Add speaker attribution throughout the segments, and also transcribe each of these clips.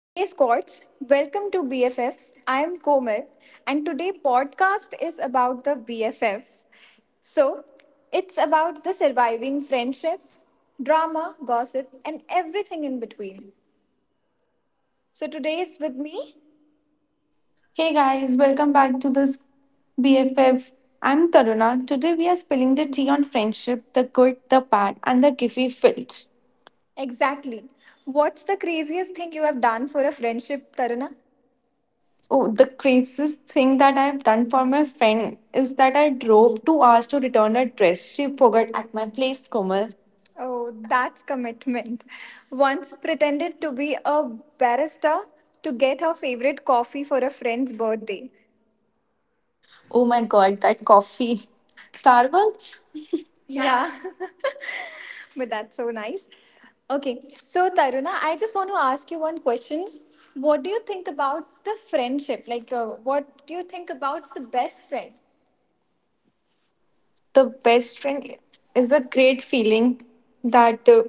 Speaker 1: Hey Squats, welcome to BFFs. I am Komal and today podcast is about the BFFs. So, it's about the surviving friendship, drama, gossip and everything in between. So today is with me
Speaker 2: Hey guys, welcome back to this BFF. I'm Taruna. Today we are spilling the tea on friendship, the good, the bad, and the giffy filled.
Speaker 1: exactly. What's the craziest thing you have done for a friendship, Tarana?
Speaker 2: Oh, the craziest thing that I've done for my friend is that I drove 2 hours to return a dress she forgot at my place, Komal.
Speaker 1: Oh, that's commitment. Once pretended to be a barrister to get her favorite coffee for a friend's birthday.
Speaker 2: Oh my god, that coffee. Starbucks?
Speaker 1: Yeah, but that's so nice. Okay, so Taruna, I just want to ask you one question. What do you think about the friendship? What do you think about the best friend?
Speaker 2: The best friend is a great feeling that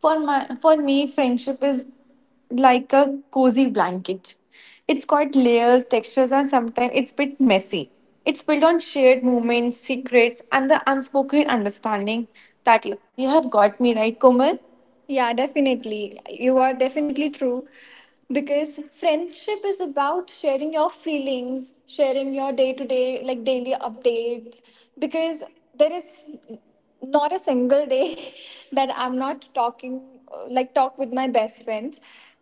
Speaker 2: for me friendship is like a cozy blanket. It's got layers, textures, and sometimes it's a bit messy. It's built on shared moments, secrets, and the unspoken understanding that you have got me right, Komal.
Speaker 1: Yeah, definitely. You are definitely true. Because friendship is about sharing your feelings, sharing your day to day, like daily updates. Because there is not a single day that I'm not talking, talk with my best friends.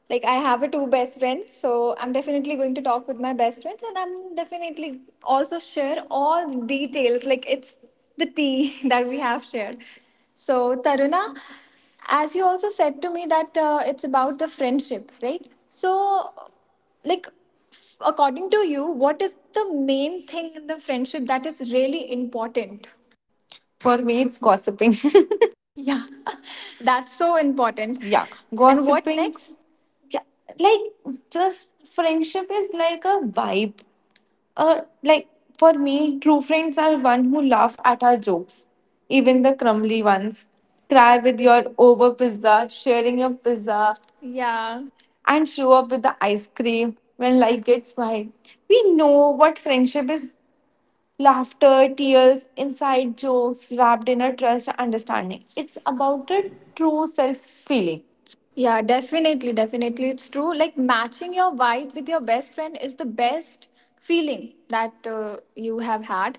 Speaker 1: Like, I have a two best friends, so I'm definitely going to talk with my best friends, and I'm definitely also share all the details. Like, it's the tea that we have shared. So, Taruna, as you also said to me that it's about the friendship, right? So like, according to you, what is the main thing in the friendship that is really important?
Speaker 2: For me, it's gossiping.
Speaker 1: Yeah, that's so important.
Speaker 2: Yeah,
Speaker 1: And what
Speaker 2: gossiping.
Speaker 1: next?
Speaker 2: Yeah, like just friendship is like a vibe. Like for me, true friends are one who laugh at our jokes, even the crumbly ones. Cry with your over pizza, sharing your pizza,
Speaker 1: Yeah,
Speaker 2: and show up with the ice cream when life gets wild. We know what friendship is: laughter, tears, inside jokes wrapped in a trust and understanding. It's about a true self feeling.
Speaker 1: yeah definitely, it's true. Like matching your vibe with your best friend is the best feeling that you have had.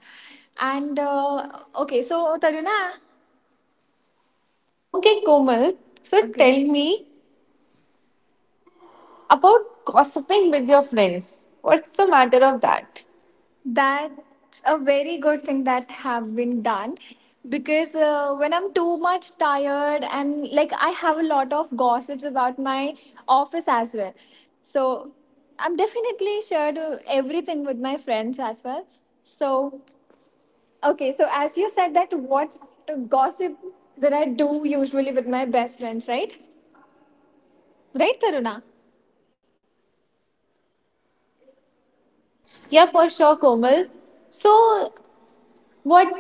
Speaker 1: And okay, so Taruna,
Speaker 2: Okay, Komal, so
Speaker 1: okay.
Speaker 2: tell me about gossiping with your friends. What's the matter of that?
Speaker 1: That's a very good thing that have been done because when I'm too much tired and like I have a lot of gossips about my office as well. So I'm definitely shared everything with my friends as well. So okay, so as you said, that what gossip that I do usually with my best friends, right? Right, Taruna?
Speaker 2: Yeah, for sure, Komal. So, what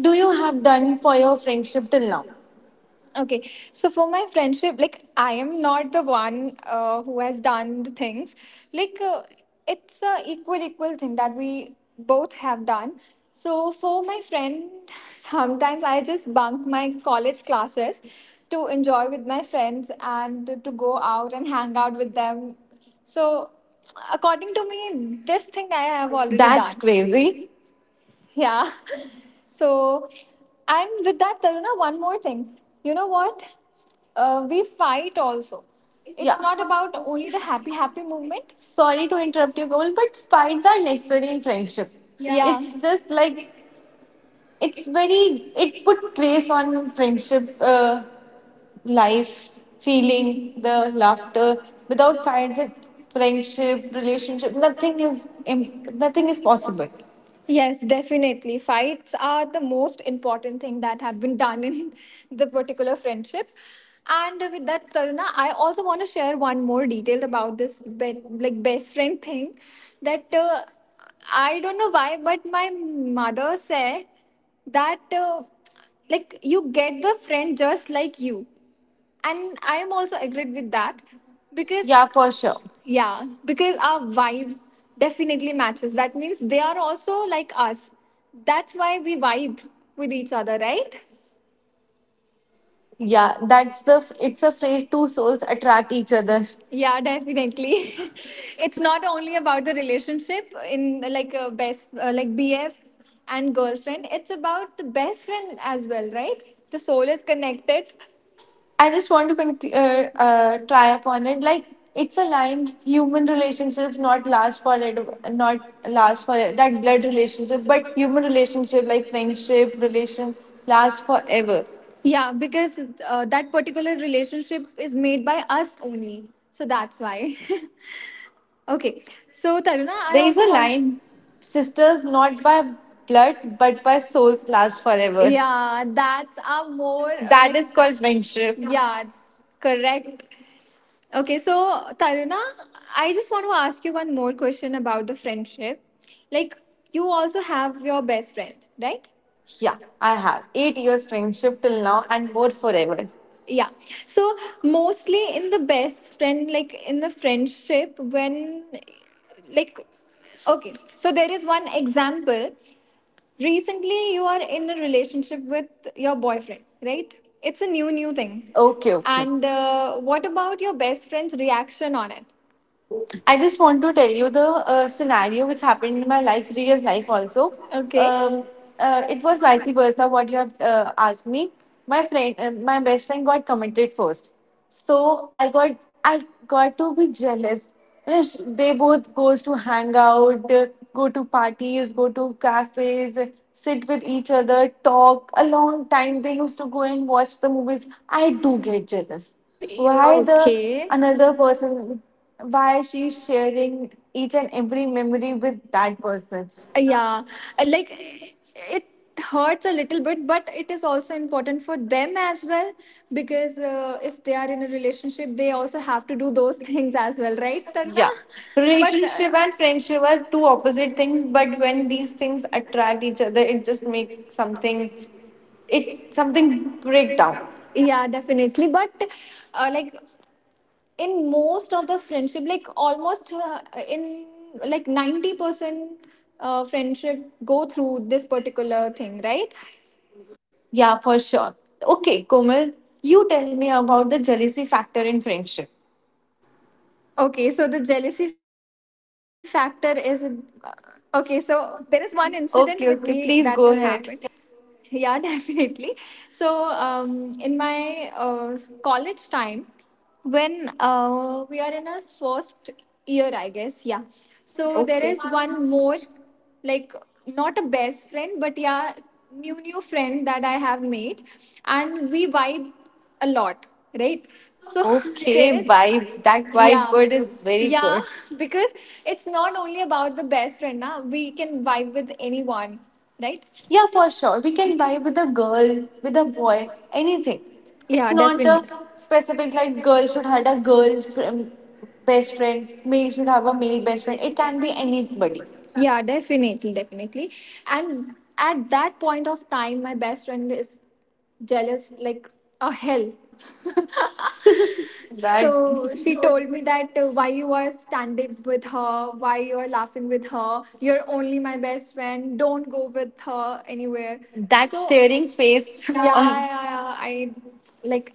Speaker 2: do you have done for your friendship till now?
Speaker 1: Okay, so for my friendship, like I am not the one who has done the things. Like it's a equal thing that we both have done. So for my friend, sometimes I just bunk my college classes to enjoy with my friends and to go out and hang out with them. So according to me, this thing I have already
Speaker 2: That's
Speaker 1: done.
Speaker 2: crazy.
Speaker 1: Yeah. So, and with that, Taruna, one more thing. You know what? We fight also. It's
Speaker 2: Yeah.
Speaker 1: not about only the happy, happy movement.
Speaker 2: Sorry to interrupt you, Gul, but fights are necessary in friendship. Yeah.
Speaker 1: Yeah.
Speaker 2: It's just like it's very it put grace on friendship, life, feeling, the laughter. Without fights, it, friendship, relationship, nothing is possible.
Speaker 1: Yes, definitely. Fights are the most important thing that have been done in the particular friendship. And with that, Taruna, I also want to share one more detail about this like best friend thing. That I don't know why, but my mother said that like you get the friend just like you, and I am also agreed with that
Speaker 2: Yeah,
Speaker 1: because
Speaker 2: for sure.
Speaker 1: yeah, because our vibe definitely matches. That means they are also like us. That's why we vibe with each other, right?
Speaker 2: Yeah, that's the it's a phrase two souls attract each other.
Speaker 1: Yeah, definitely. It's
Speaker 2: Like.
Speaker 1: not only about the relationship in like a best like BF and girlfriend. It's about the best friend as well, right? The soul is connected.
Speaker 2: I just want to try upon it. Like it's a line: human relationships not last for it, not last for it, that blood relationship, but human relationship like friendship, relation last forever.
Speaker 1: Yeah, because that particular relationship is made by us only. So that's why. Okay. So Taruna, I
Speaker 2: There is a
Speaker 1: also want.
Speaker 2: line: sisters not by blood but by souls last forever.
Speaker 1: Yeah, that's a more
Speaker 2: That is called friendship.
Speaker 1: yeah, correct. Okay, so Taruna, I just want to ask you one more question about the friendship. Like, you also have your best friend, right?
Speaker 2: Yeah, I have 8 years friendship till now and more forever.
Speaker 1: Yeah, so mostly in the best friend, like in the friendship when, like, okay, so there is one example. Recently you are in a relationship with your boyfriend, right? It's a new thing.
Speaker 2: Okay, okay.
Speaker 1: And what about your best friend's reaction on it?
Speaker 2: Oh, I just want to tell you the scenario which happened in my life, real life also.
Speaker 1: Okay,
Speaker 2: Um, it was vice versa what you have asked me. My best friend got committed first, so I got to be jealous. You know, they both goes to hang out, go to parties, go to cafes, sit with each other, talk a long time. They used to go and watch the movies. I do get jealous why the
Speaker 1: okay.
Speaker 2: another person, why she's sharing each and every memory with that person.
Speaker 1: Yeah, like it hurts a little bit, but it is also important for them as well because if they are in a relationship, they also have to do those things as well, right, Tarna?
Speaker 2: Yeah,
Speaker 1: But
Speaker 2: relationship and friendship are two opposite things, but when these things attract each other, it just makes something, it something break down.
Speaker 1: yeah, definitely. But like in most of the friendship, like almost in like 90% friendship go through this particular thing, right?
Speaker 2: Yeah, for sure. Okay, Komal, you tell me about the jealousy factor in friendship.
Speaker 1: Okay, so the jealousy factor is okay. So there is one incident with me that
Speaker 2: Okay,
Speaker 1: has
Speaker 2: okay,
Speaker 1: happened.
Speaker 2: please go ahead.
Speaker 1: Yeah, definitely. So in my college time, when we are in our first year, I guess, yeah. So there
Speaker 2: Okay,
Speaker 1: is one more, like, not a best friend, but yeah, new friend that I have made, and we vibe a lot, right? So there
Speaker 2: okay.
Speaker 1: is,
Speaker 2: Vibe, that vibe
Speaker 1: yeah,
Speaker 2: word is very
Speaker 1: yeah,
Speaker 2: good.
Speaker 1: because it's not only about the best friend. Now we can vibe with anyone, right?
Speaker 2: Yeah, for sure. We can vibe with a girl, with a boy, anything. It's
Speaker 1: Yeah,
Speaker 2: not
Speaker 1: definitely.
Speaker 2: a specific like girl should have a girl fr- best friend, male should have a male best friend. It can be anybody.
Speaker 1: Yeah, definitely, and at that point of time, my best friend is jealous like a hell.
Speaker 2: That
Speaker 1: So she told me that why you are standing with her, why you are laughing with her, you're only my best friend, don't go with her anywhere.
Speaker 2: that
Speaker 1: So
Speaker 2: staring face.
Speaker 1: yeah,
Speaker 2: Yeah, on.
Speaker 1: yeah. I, like,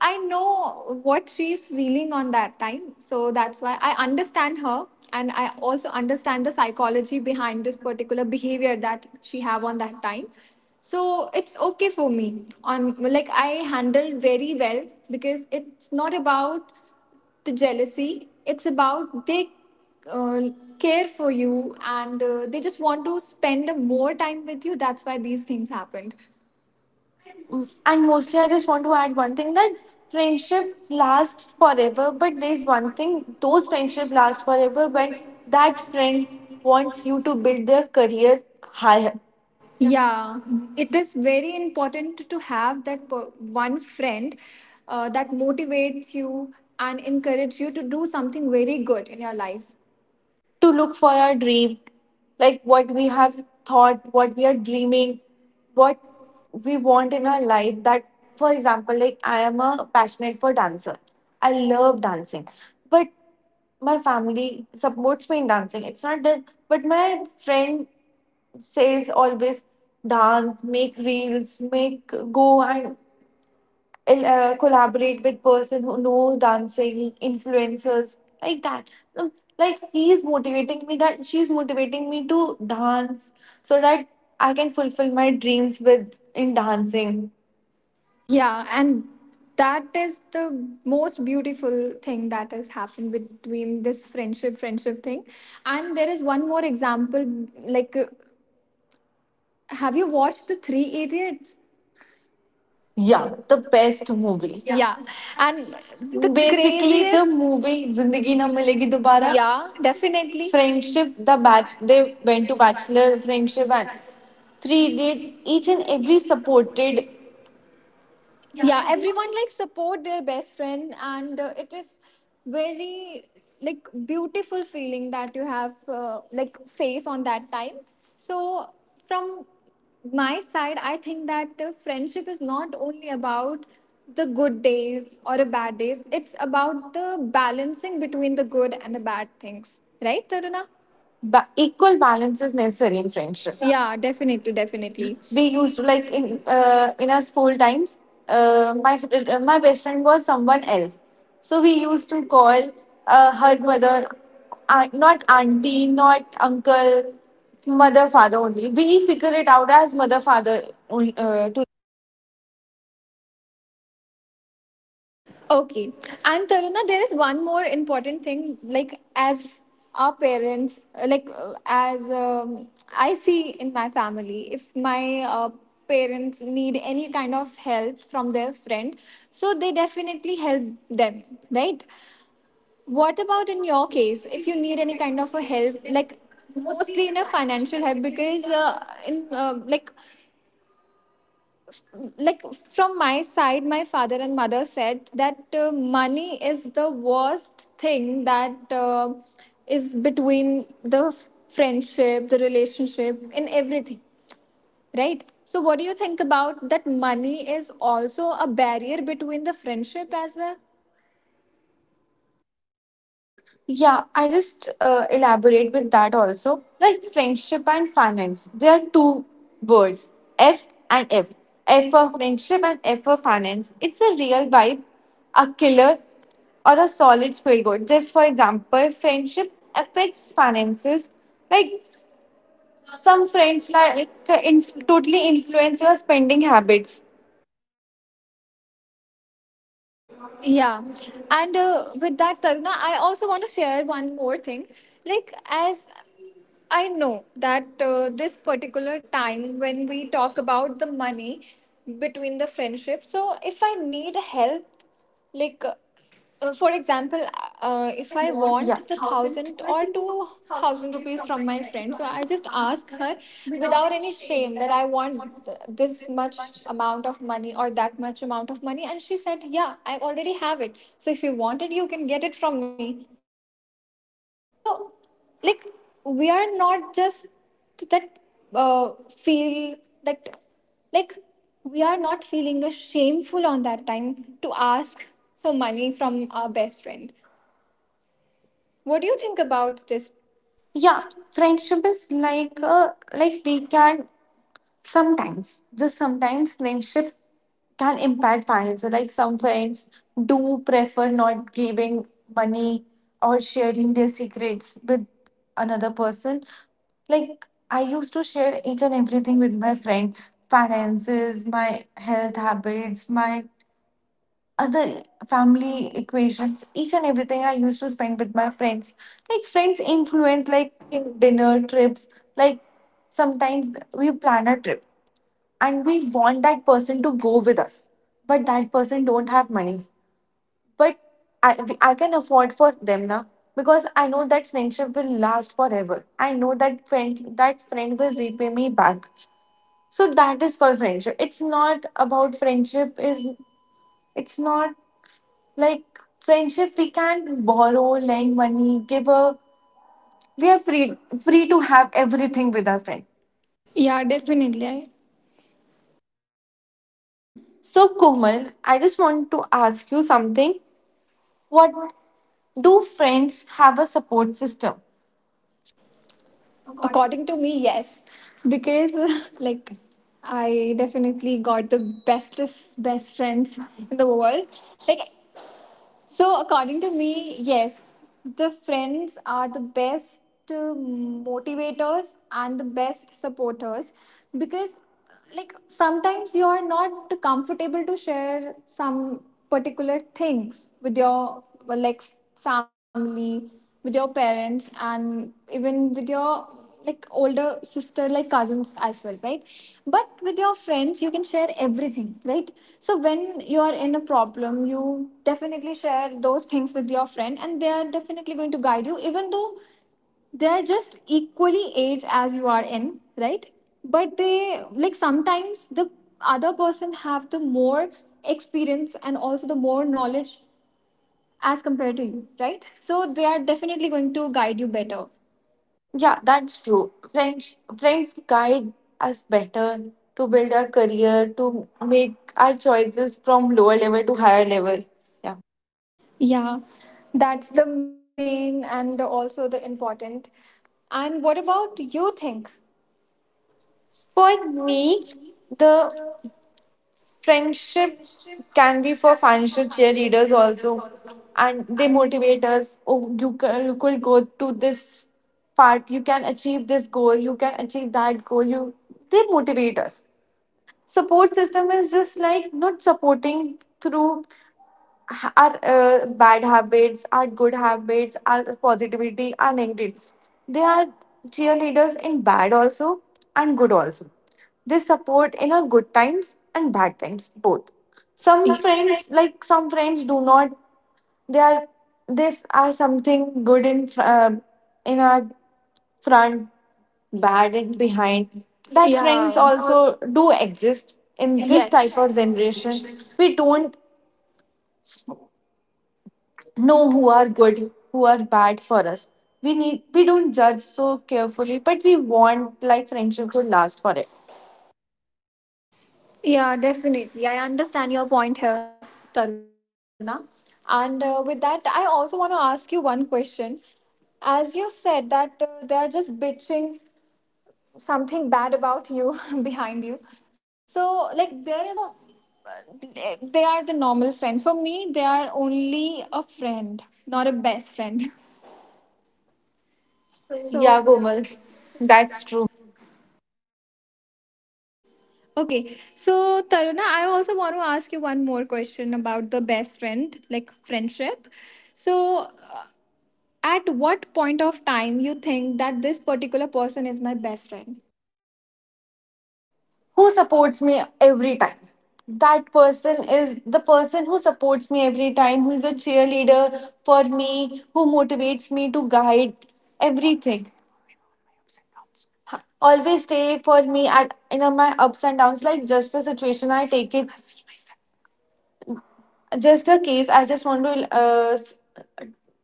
Speaker 1: I know what she's feeling on that time. So that's why I understand her, and I also understand the psychology behind this particular behavior that she have on that time. So it's okay for me. On like I handled very well because it's not about the jealousy. It's about they uh, care for you, and they just want to spend more time with you. That's why these things happened.
Speaker 2: And mostly, I just want to add one thing that friendship lasts forever. But there's one thing: those friendship last forever when that friend wants you to build their career higher,
Speaker 1: Yeah, it is very important to have that one friend that motivates you and encourages you to do something very good in your life.
Speaker 2: to look for our dream, like what we have thought, what we are dreaming, what we want in our life. That, for example, like I am a passionate for dancer. I love dancing, but my family supports me in dancing. It's not that, but my friend says always dance, make reels, make go and collaborate with person who know dancing influencers like that. Um, like he is motivating me, that she's motivating me to dance so that I can fulfill my dreams with in dancing.
Speaker 1: Yeah, and that is the most beautiful thing that has happened between this friendship thing. And there is one more example, like have you watched The Three Idiots?
Speaker 2: Yeah, the best movie. Yeah,
Speaker 1: Yeah. And the
Speaker 2: basically the
Speaker 1: craziest,
Speaker 2: movie Zindagi Na Milegi Dobara.
Speaker 1: yeah, definitely.
Speaker 2: Friendship, the batch, they went to bachelor friendship and three dates, each and every supported.
Speaker 1: Yeah, everyone like support their best friend, and it is very like beautiful feeling that you have, face on that time. So from my side, I think that friendship is not only about the good days or a bad days. It's about the balancing between the good and the bad things, right, Taruna?
Speaker 2: Equal balance is necessary in friendship. Yeah.
Speaker 1: Yeah, definitely,
Speaker 2: We used to, like in our school times. My best friend was someone else, so we used to call her mother, not auntie, not uncle, mother father only. We figure it out as mother father only. Uh, to
Speaker 1: okay. And Taruna, there is one more important thing. Like, as our parents, like, as I see in my family, if my parents need any kind of help from their friend, so they definitely help them, right? What about in your case, if you need any kind of a help, like, mostly in a financial help because in like from my side, my father and mother said that money is the worst thing that is between the friendship, the relationship, in everything, right? So what do you think about that? Money is also a barrier between the friendship as well.
Speaker 2: yeah, I just elaborate with that also. Like friendship and finance, they are two words: F and F. F for friendship and F for finance. It's a real vibe, a killer, or a solid feel good. Just for example, friendship affects finances. Like some friends, totally influence your spending habits.
Speaker 1: Yeah, and with that, Taruna, I also want to share one more thing. Like, as I know that this particular time when we talk about the money between the friendship, so if I need help, like for example, if I want the 1,000 or 2,000 rupees from my friend, so I just ask her without any shame that I want this much amount of money or that much amount of money, and she said, "Yeah, I already have it. So if you want it, you can get it from me." So, like, we are not just that feel that, like, we are not feeling a shameful on that time to ask for money from our best friend. What do you think about this?
Speaker 2: Yeah, friendship is like, like we can sometimes, just sometimes, friendship can impact finances. Like some friends do prefer not giving money or sharing their secrets with another person. Like I used to share each and everything with my friend: finances, my health habits, my other family equations, each and everything I used to spend with my friends. Like friends influence like in dinner trips, like sometimes we plan a trip and we want that person to go with us, but that person don't have money, but I can afford for them now, because I know that friendship will last forever. I know that friend will repay me back. So that is called friendship. It's not about friendship is it's not like friendship, we can borrow, lend money, give a, we are free, free to have everything with our friend.
Speaker 1: Yeah, definitely. I,
Speaker 2: So Komal, I just want to ask you something. What do friends have a support system?
Speaker 1: according to me, yes, because like I definitely got the bestest best friends in the world. Like, so, according to me, yes, the friends are the best motivators and the best supporters because, like, sometimes you are not comfortable to share some particular things with your, well, like, family, with your parents, and even with your like older sister, like cousins as well, right? But with your friends, you can share everything, right? So when you are in a problem, you definitely share those things with your friend, and they are definitely going to guide you, even though they're just equally age as you are in, right? But they, like, sometimes the other person have the more experience and also the more knowledge as compared to you, right? So they are definitely going to guide you better.
Speaker 2: Yeah, that's true. Friends guide us better to build our career, to make our choices from lower level to higher level. Yeah.
Speaker 1: Yeah, that's the main and also the important. And what about you think?
Speaker 2: For me, the friendship can be for financial cheerleaders also. And they motivate us. Oh, you could go to this part. You can achieve this goal. You can achieve that goal. You, they motivate us. Support system is just like not supporting through our bad habits, our good habits, our positivity, our negativity. They are cheerleaders in bad also and good also. They support in our good times and bad times both. Some
Speaker 1: Y-
Speaker 2: friends, like some friends do not, they are, this are something good in in our front, bad and behind. That friends
Speaker 1: Yeah,
Speaker 2: also do exist in, yeah, this type
Speaker 1: yes.
Speaker 2: of generation. We don't know who are good, who are bad for us. We need, we don't judge so carefully, but we want like friendship to last forever.
Speaker 1: Yeah, definitely. I understand your point here, Taruna. And with that, I also want to ask you one question. As you said that they are just bitching something bad about you behind you, so like there is a they are the normal friends for me. They are only a friend, not a best friend.
Speaker 2: So yeah,
Speaker 1: So
Speaker 2: Gomal, that's true.
Speaker 1: okay, so Taruna, I also want to ask you one more question about the best friend, like friendship. So uh, at what point of time you think that this particular person is my best friend?
Speaker 2: Who supports me every time, that person is the person who supports me every time, who is a cheerleader for me, who motivates me to guide everything, always stay for me my ups and downs. Like just a situation I take it, just a case. I just want to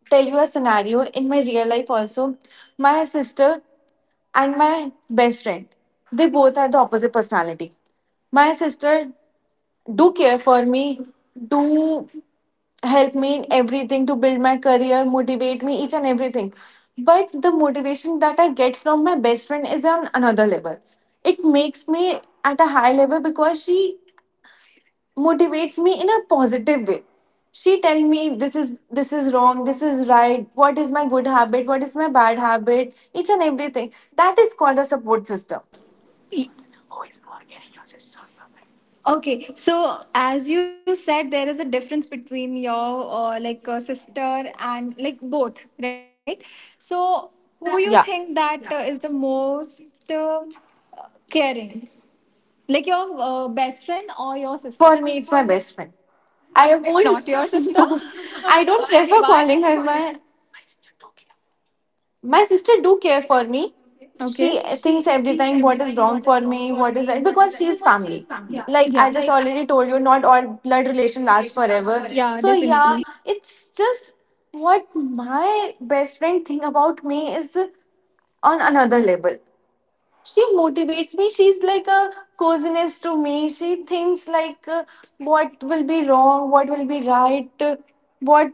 Speaker 2: tell you a scenario in my real life also. My sister and my best friend, they both are the opposite personality. My sister do care for me, do help me in everything, to build my career, motivate me each and everything. But the motivation that I get from my best friend is on another level. It makes me at a high level because she motivates me in a positive way. She tell me this is, this is wrong, this is right, what is my good habit, what is my bad habit, each and everything. That is called a support system.
Speaker 1: Y- Okay, so as you said, there is a difference between your like sister and like both, right? So who you think
Speaker 2: Yeah,
Speaker 1: that yeah, is the most uh, caring, like your best friend or your sister?
Speaker 2: for me it's my best friend. I
Speaker 1: Not your
Speaker 2: won't,
Speaker 1: sister.
Speaker 2: no, I
Speaker 1: I
Speaker 2: don't
Speaker 1: don't, why?
Speaker 2: prefer
Speaker 1: Think so,
Speaker 2: calling
Speaker 1: contact
Speaker 2: her my, my sister do care for me.
Speaker 1: me. Okay.
Speaker 2: She thinks every time what is wrong for me, what is right, because she is family. Yeah,
Speaker 1: Yeah.
Speaker 2: like I
Speaker 1: Like
Speaker 2: just already told you, not all blood
Speaker 1: blood
Speaker 2: relation
Speaker 1: relation
Speaker 2: lasts
Speaker 1: last forever.
Speaker 2: forever.
Speaker 1: Yeah,
Speaker 2: So
Speaker 1: definitely. So,
Speaker 2: yeah, it's just what my best friend think about me is on another level. She motivates me, she's like a coziness to me. She thinks like what will be wrong, what will be right, what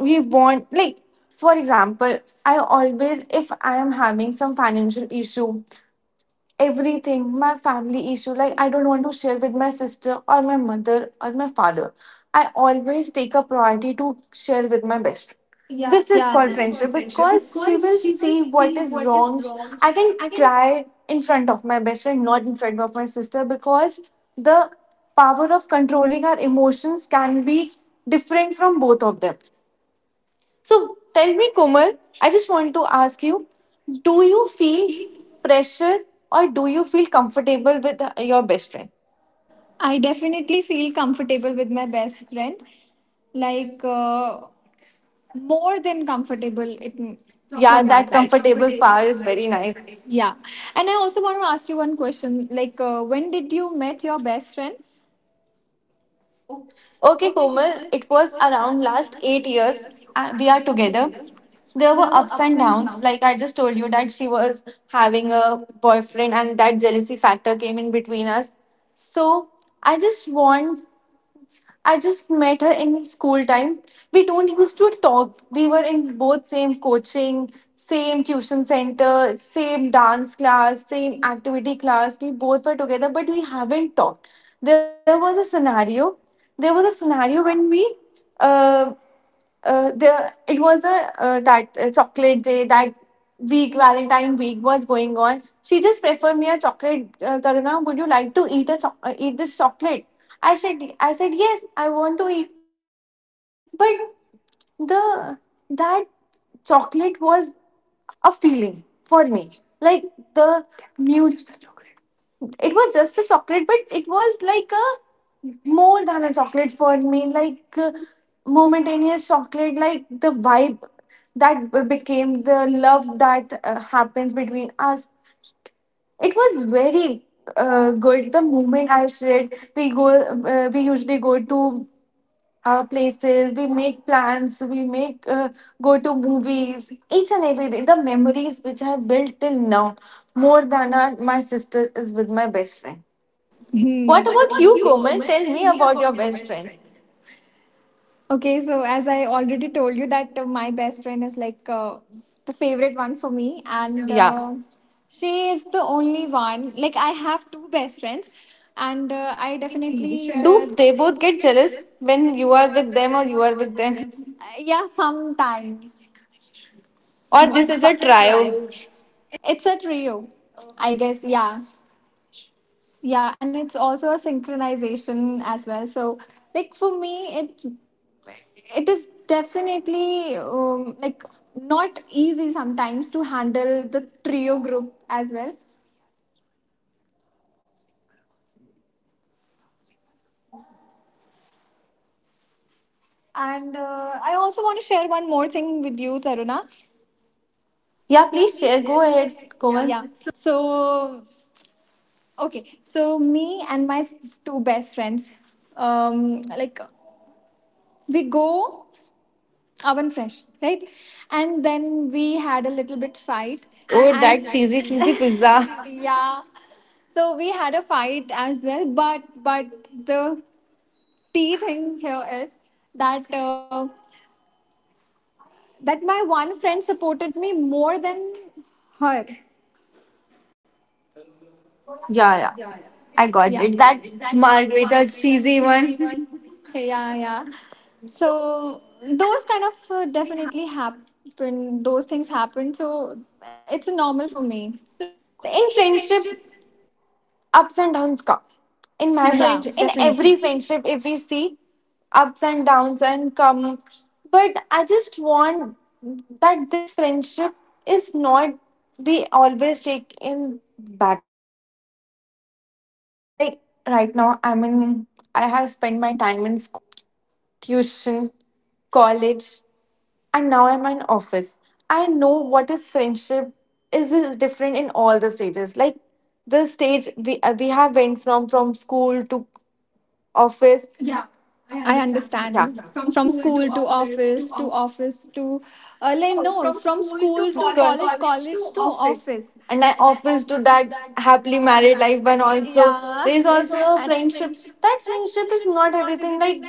Speaker 2: we want, like for example, I always, if I am having some financial issue, everything, my family issue, like I don't want to share with my sister or my mother or my father, I always take a priority to share with my best friend. Yeah, this
Speaker 1: yeah.
Speaker 2: is
Speaker 1: This is
Speaker 2: called
Speaker 1: called
Speaker 2: friendship
Speaker 1: friendship
Speaker 2: because she
Speaker 1: because she
Speaker 2: will
Speaker 1: will
Speaker 2: see
Speaker 1: see
Speaker 2: what
Speaker 1: what
Speaker 2: is
Speaker 1: is
Speaker 2: wrong.
Speaker 1: wrong.
Speaker 2: I
Speaker 1: I
Speaker 2: can
Speaker 1: can,
Speaker 2: cry in front of my best friend, not in front of my sister, because the power of controlling our emotions can be different from both of them. So tell me, Komal, I just want to ask you, do you feel pressure or do you feel comfortable with your best friend?
Speaker 1: I definitely feel comfortable with my best friend, like more than comfortable it, from
Speaker 2: Yeah,
Speaker 1: my yeah, that
Speaker 2: that
Speaker 1: side.
Speaker 2: comfortable
Speaker 1: Comfortable
Speaker 2: power is
Speaker 1: part is
Speaker 2: very
Speaker 1: very
Speaker 2: nice.
Speaker 1: nice. Yeah, and I also want to ask you one question. Like, when did you met your best friend?
Speaker 2: Okay, Komal, it was around last 8 years we are together. There were ups and downs. Like I just told you, that she was having a boyfriend and that jealousy factor came in between us. So I just want, I just met her in school time. We don't used to talk. We were in both same coaching, same tuition center, same dance class, same activity class. We both were together, but we haven't talked. There was a scenario. There was a scenario when we uh, there it was a that chocolate day, that week Valentine week was going on. She just preferred me a chocolate. Taruna, would you like to eat a eat this chocolate? I said, I said yes, I want to eat. But the, that chocolate was a feeling for me, like the mute. It was just a chocolate, but it was like a more than a chocolate for me, like momentaneous chocolate, like the vibe that became the love that happens between us. It was very good, the moment I said. We go, we usually go to places, we make plans, we make go to movies each and every day. The memories which I built till now, more than my sister, is with my best friend. What about you, Komal? Tell me about your best friend.
Speaker 1: Okay, so as I already told you that my best friend is like the favorite one for me, and
Speaker 2: Yeah.
Speaker 1: she is the only one. Like, I have two best friends, and I definitely
Speaker 2: Do
Speaker 1: share.
Speaker 2: they both get jealous when you are with them or you are with them?
Speaker 1: Yeah, sometimes.
Speaker 2: Or
Speaker 1: But
Speaker 2: this is
Speaker 1: this is
Speaker 2: a
Speaker 1: at
Speaker 2: trio?
Speaker 1: Rio. It's at Rio, I guess. Yeah, yeah, and it's also a synchronization as well. So, like for me, it is definitely like not easy sometimes to handle the trio group as well. And I also want to share one more thing with you, Taruna.
Speaker 2: Yeah, please share. Go ahead, Komal.
Speaker 1: Yeah. So okay. So me and my two best friends, like we go oven fresh, right? And then we had a little bit fight
Speaker 2: Oh,
Speaker 1: and
Speaker 2: that cheesy, cheesy pizza.
Speaker 1: yeah, so we had a fight as well, but the tea thing here is that my one friend supported me more than her.
Speaker 2: Yeah, yeah. I
Speaker 1: Yeah,
Speaker 2: got it. That margarita cheesy one.
Speaker 1: yeah, yeah. So those kind of definitely happen, those things happen, so it's normal for me.
Speaker 2: In friendship, ups and downs come. In my friendship, in every friendship, if we see, ups and downs and come, but I just want that this friendship is not be always take in backhand. Like right now I'm in, I have spent my time in school, tuition, college, and now I'm in office. I know what is friendship, is different in all the stages, like the stage we have went from school to office. Yeah, I
Speaker 1: I
Speaker 2: understand. Yeah,
Speaker 1: understand. From school to office, to like, no, from
Speaker 2: to
Speaker 1: school to college,
Speaker 2: co-
Speaker 1: college to office.
Speaker 2: and I office to that happily married life, and also
Speaker 1: Yeah.
Speaker 2: there is also a friendship. That friendship is not everything. Like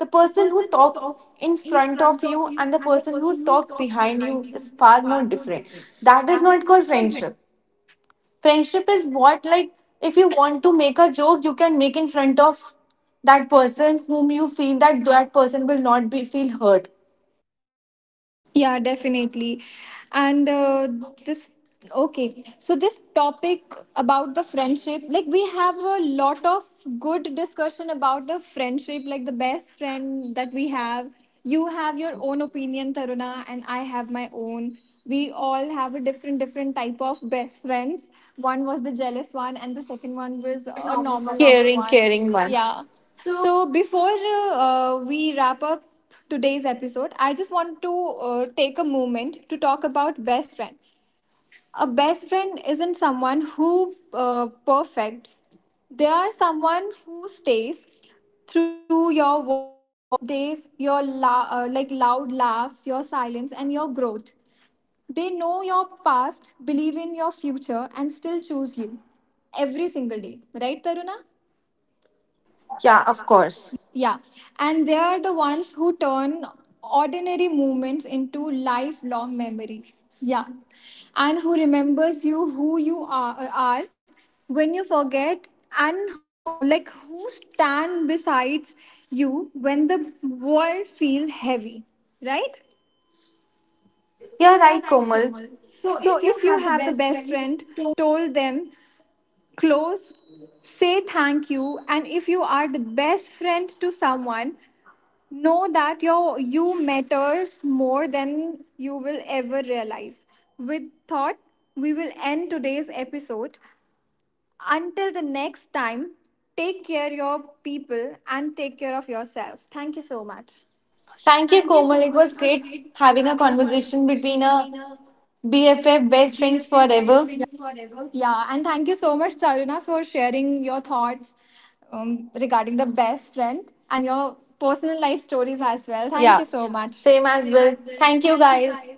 Speaker 2: the person who talk in front of you and the person who talk behind you is far more different. That is not called friendship. Friendship is what, like if you want to make a joke, you can make in front of that person whom you feel that that person will not be feel hurt.
Speaker 1: Yeah, definitely. And this, okay, so this topic about the friendship, like we have a lot of good discussion about the friendship, like the best friend that we have. You have your own opinion, Taruna, and I have my own. We all have a different, different type of best friends. One was the jealous one, and the second one was a normal, normal
Speaker 2: Caring,
Speaker 1: one.
Speaker 2: caring one.
Speaker 1: Yeah. So before we wrap up today's episode, I just want to take a moment to talk about best friend. A best friend isn't someone who perfect. They are someone who stays through your worst days, your like loud laughs, your silence, and your growth. They know your past, believe in your future, and still choose you every single day. Right, Taruna?
Speaker 2: Yeah, of course.
Speaker 1: Yeah, and they are the ones who turn ordinary moments into lifelong memories. Yeah, and who remembers you who you are when you forget, and who like who stand beside you when the world feels heavy, right?
Speaker 2: Yeah, right, Komal.
Speaker 1: So if you have the best friend, told them close, say thank you, and if you are the best friend to someone, know that your you matters more than you will ever realize. With thought, we will end today's episode. Until the next time, take care your people and take care of yourself. Thank you so much.
Speaker 2: Thank you, Komal. It was great having a conversation between a BFF, best friends forever. Yeah.
Speaker 1: Yeah, and thank you so much, Taruna, for sharing your thoughts regarding the best friend and your personal life stories as well.
Speaker 2: Thank you
Speaker 1: Thank
Speaker 2: so
Speaker 1: you
Speaker 2: yeah,
Speaker 1: so
Speaker 2: much.
Speaker 1: much.
Speaker 2: Same as well. Thank you, guys.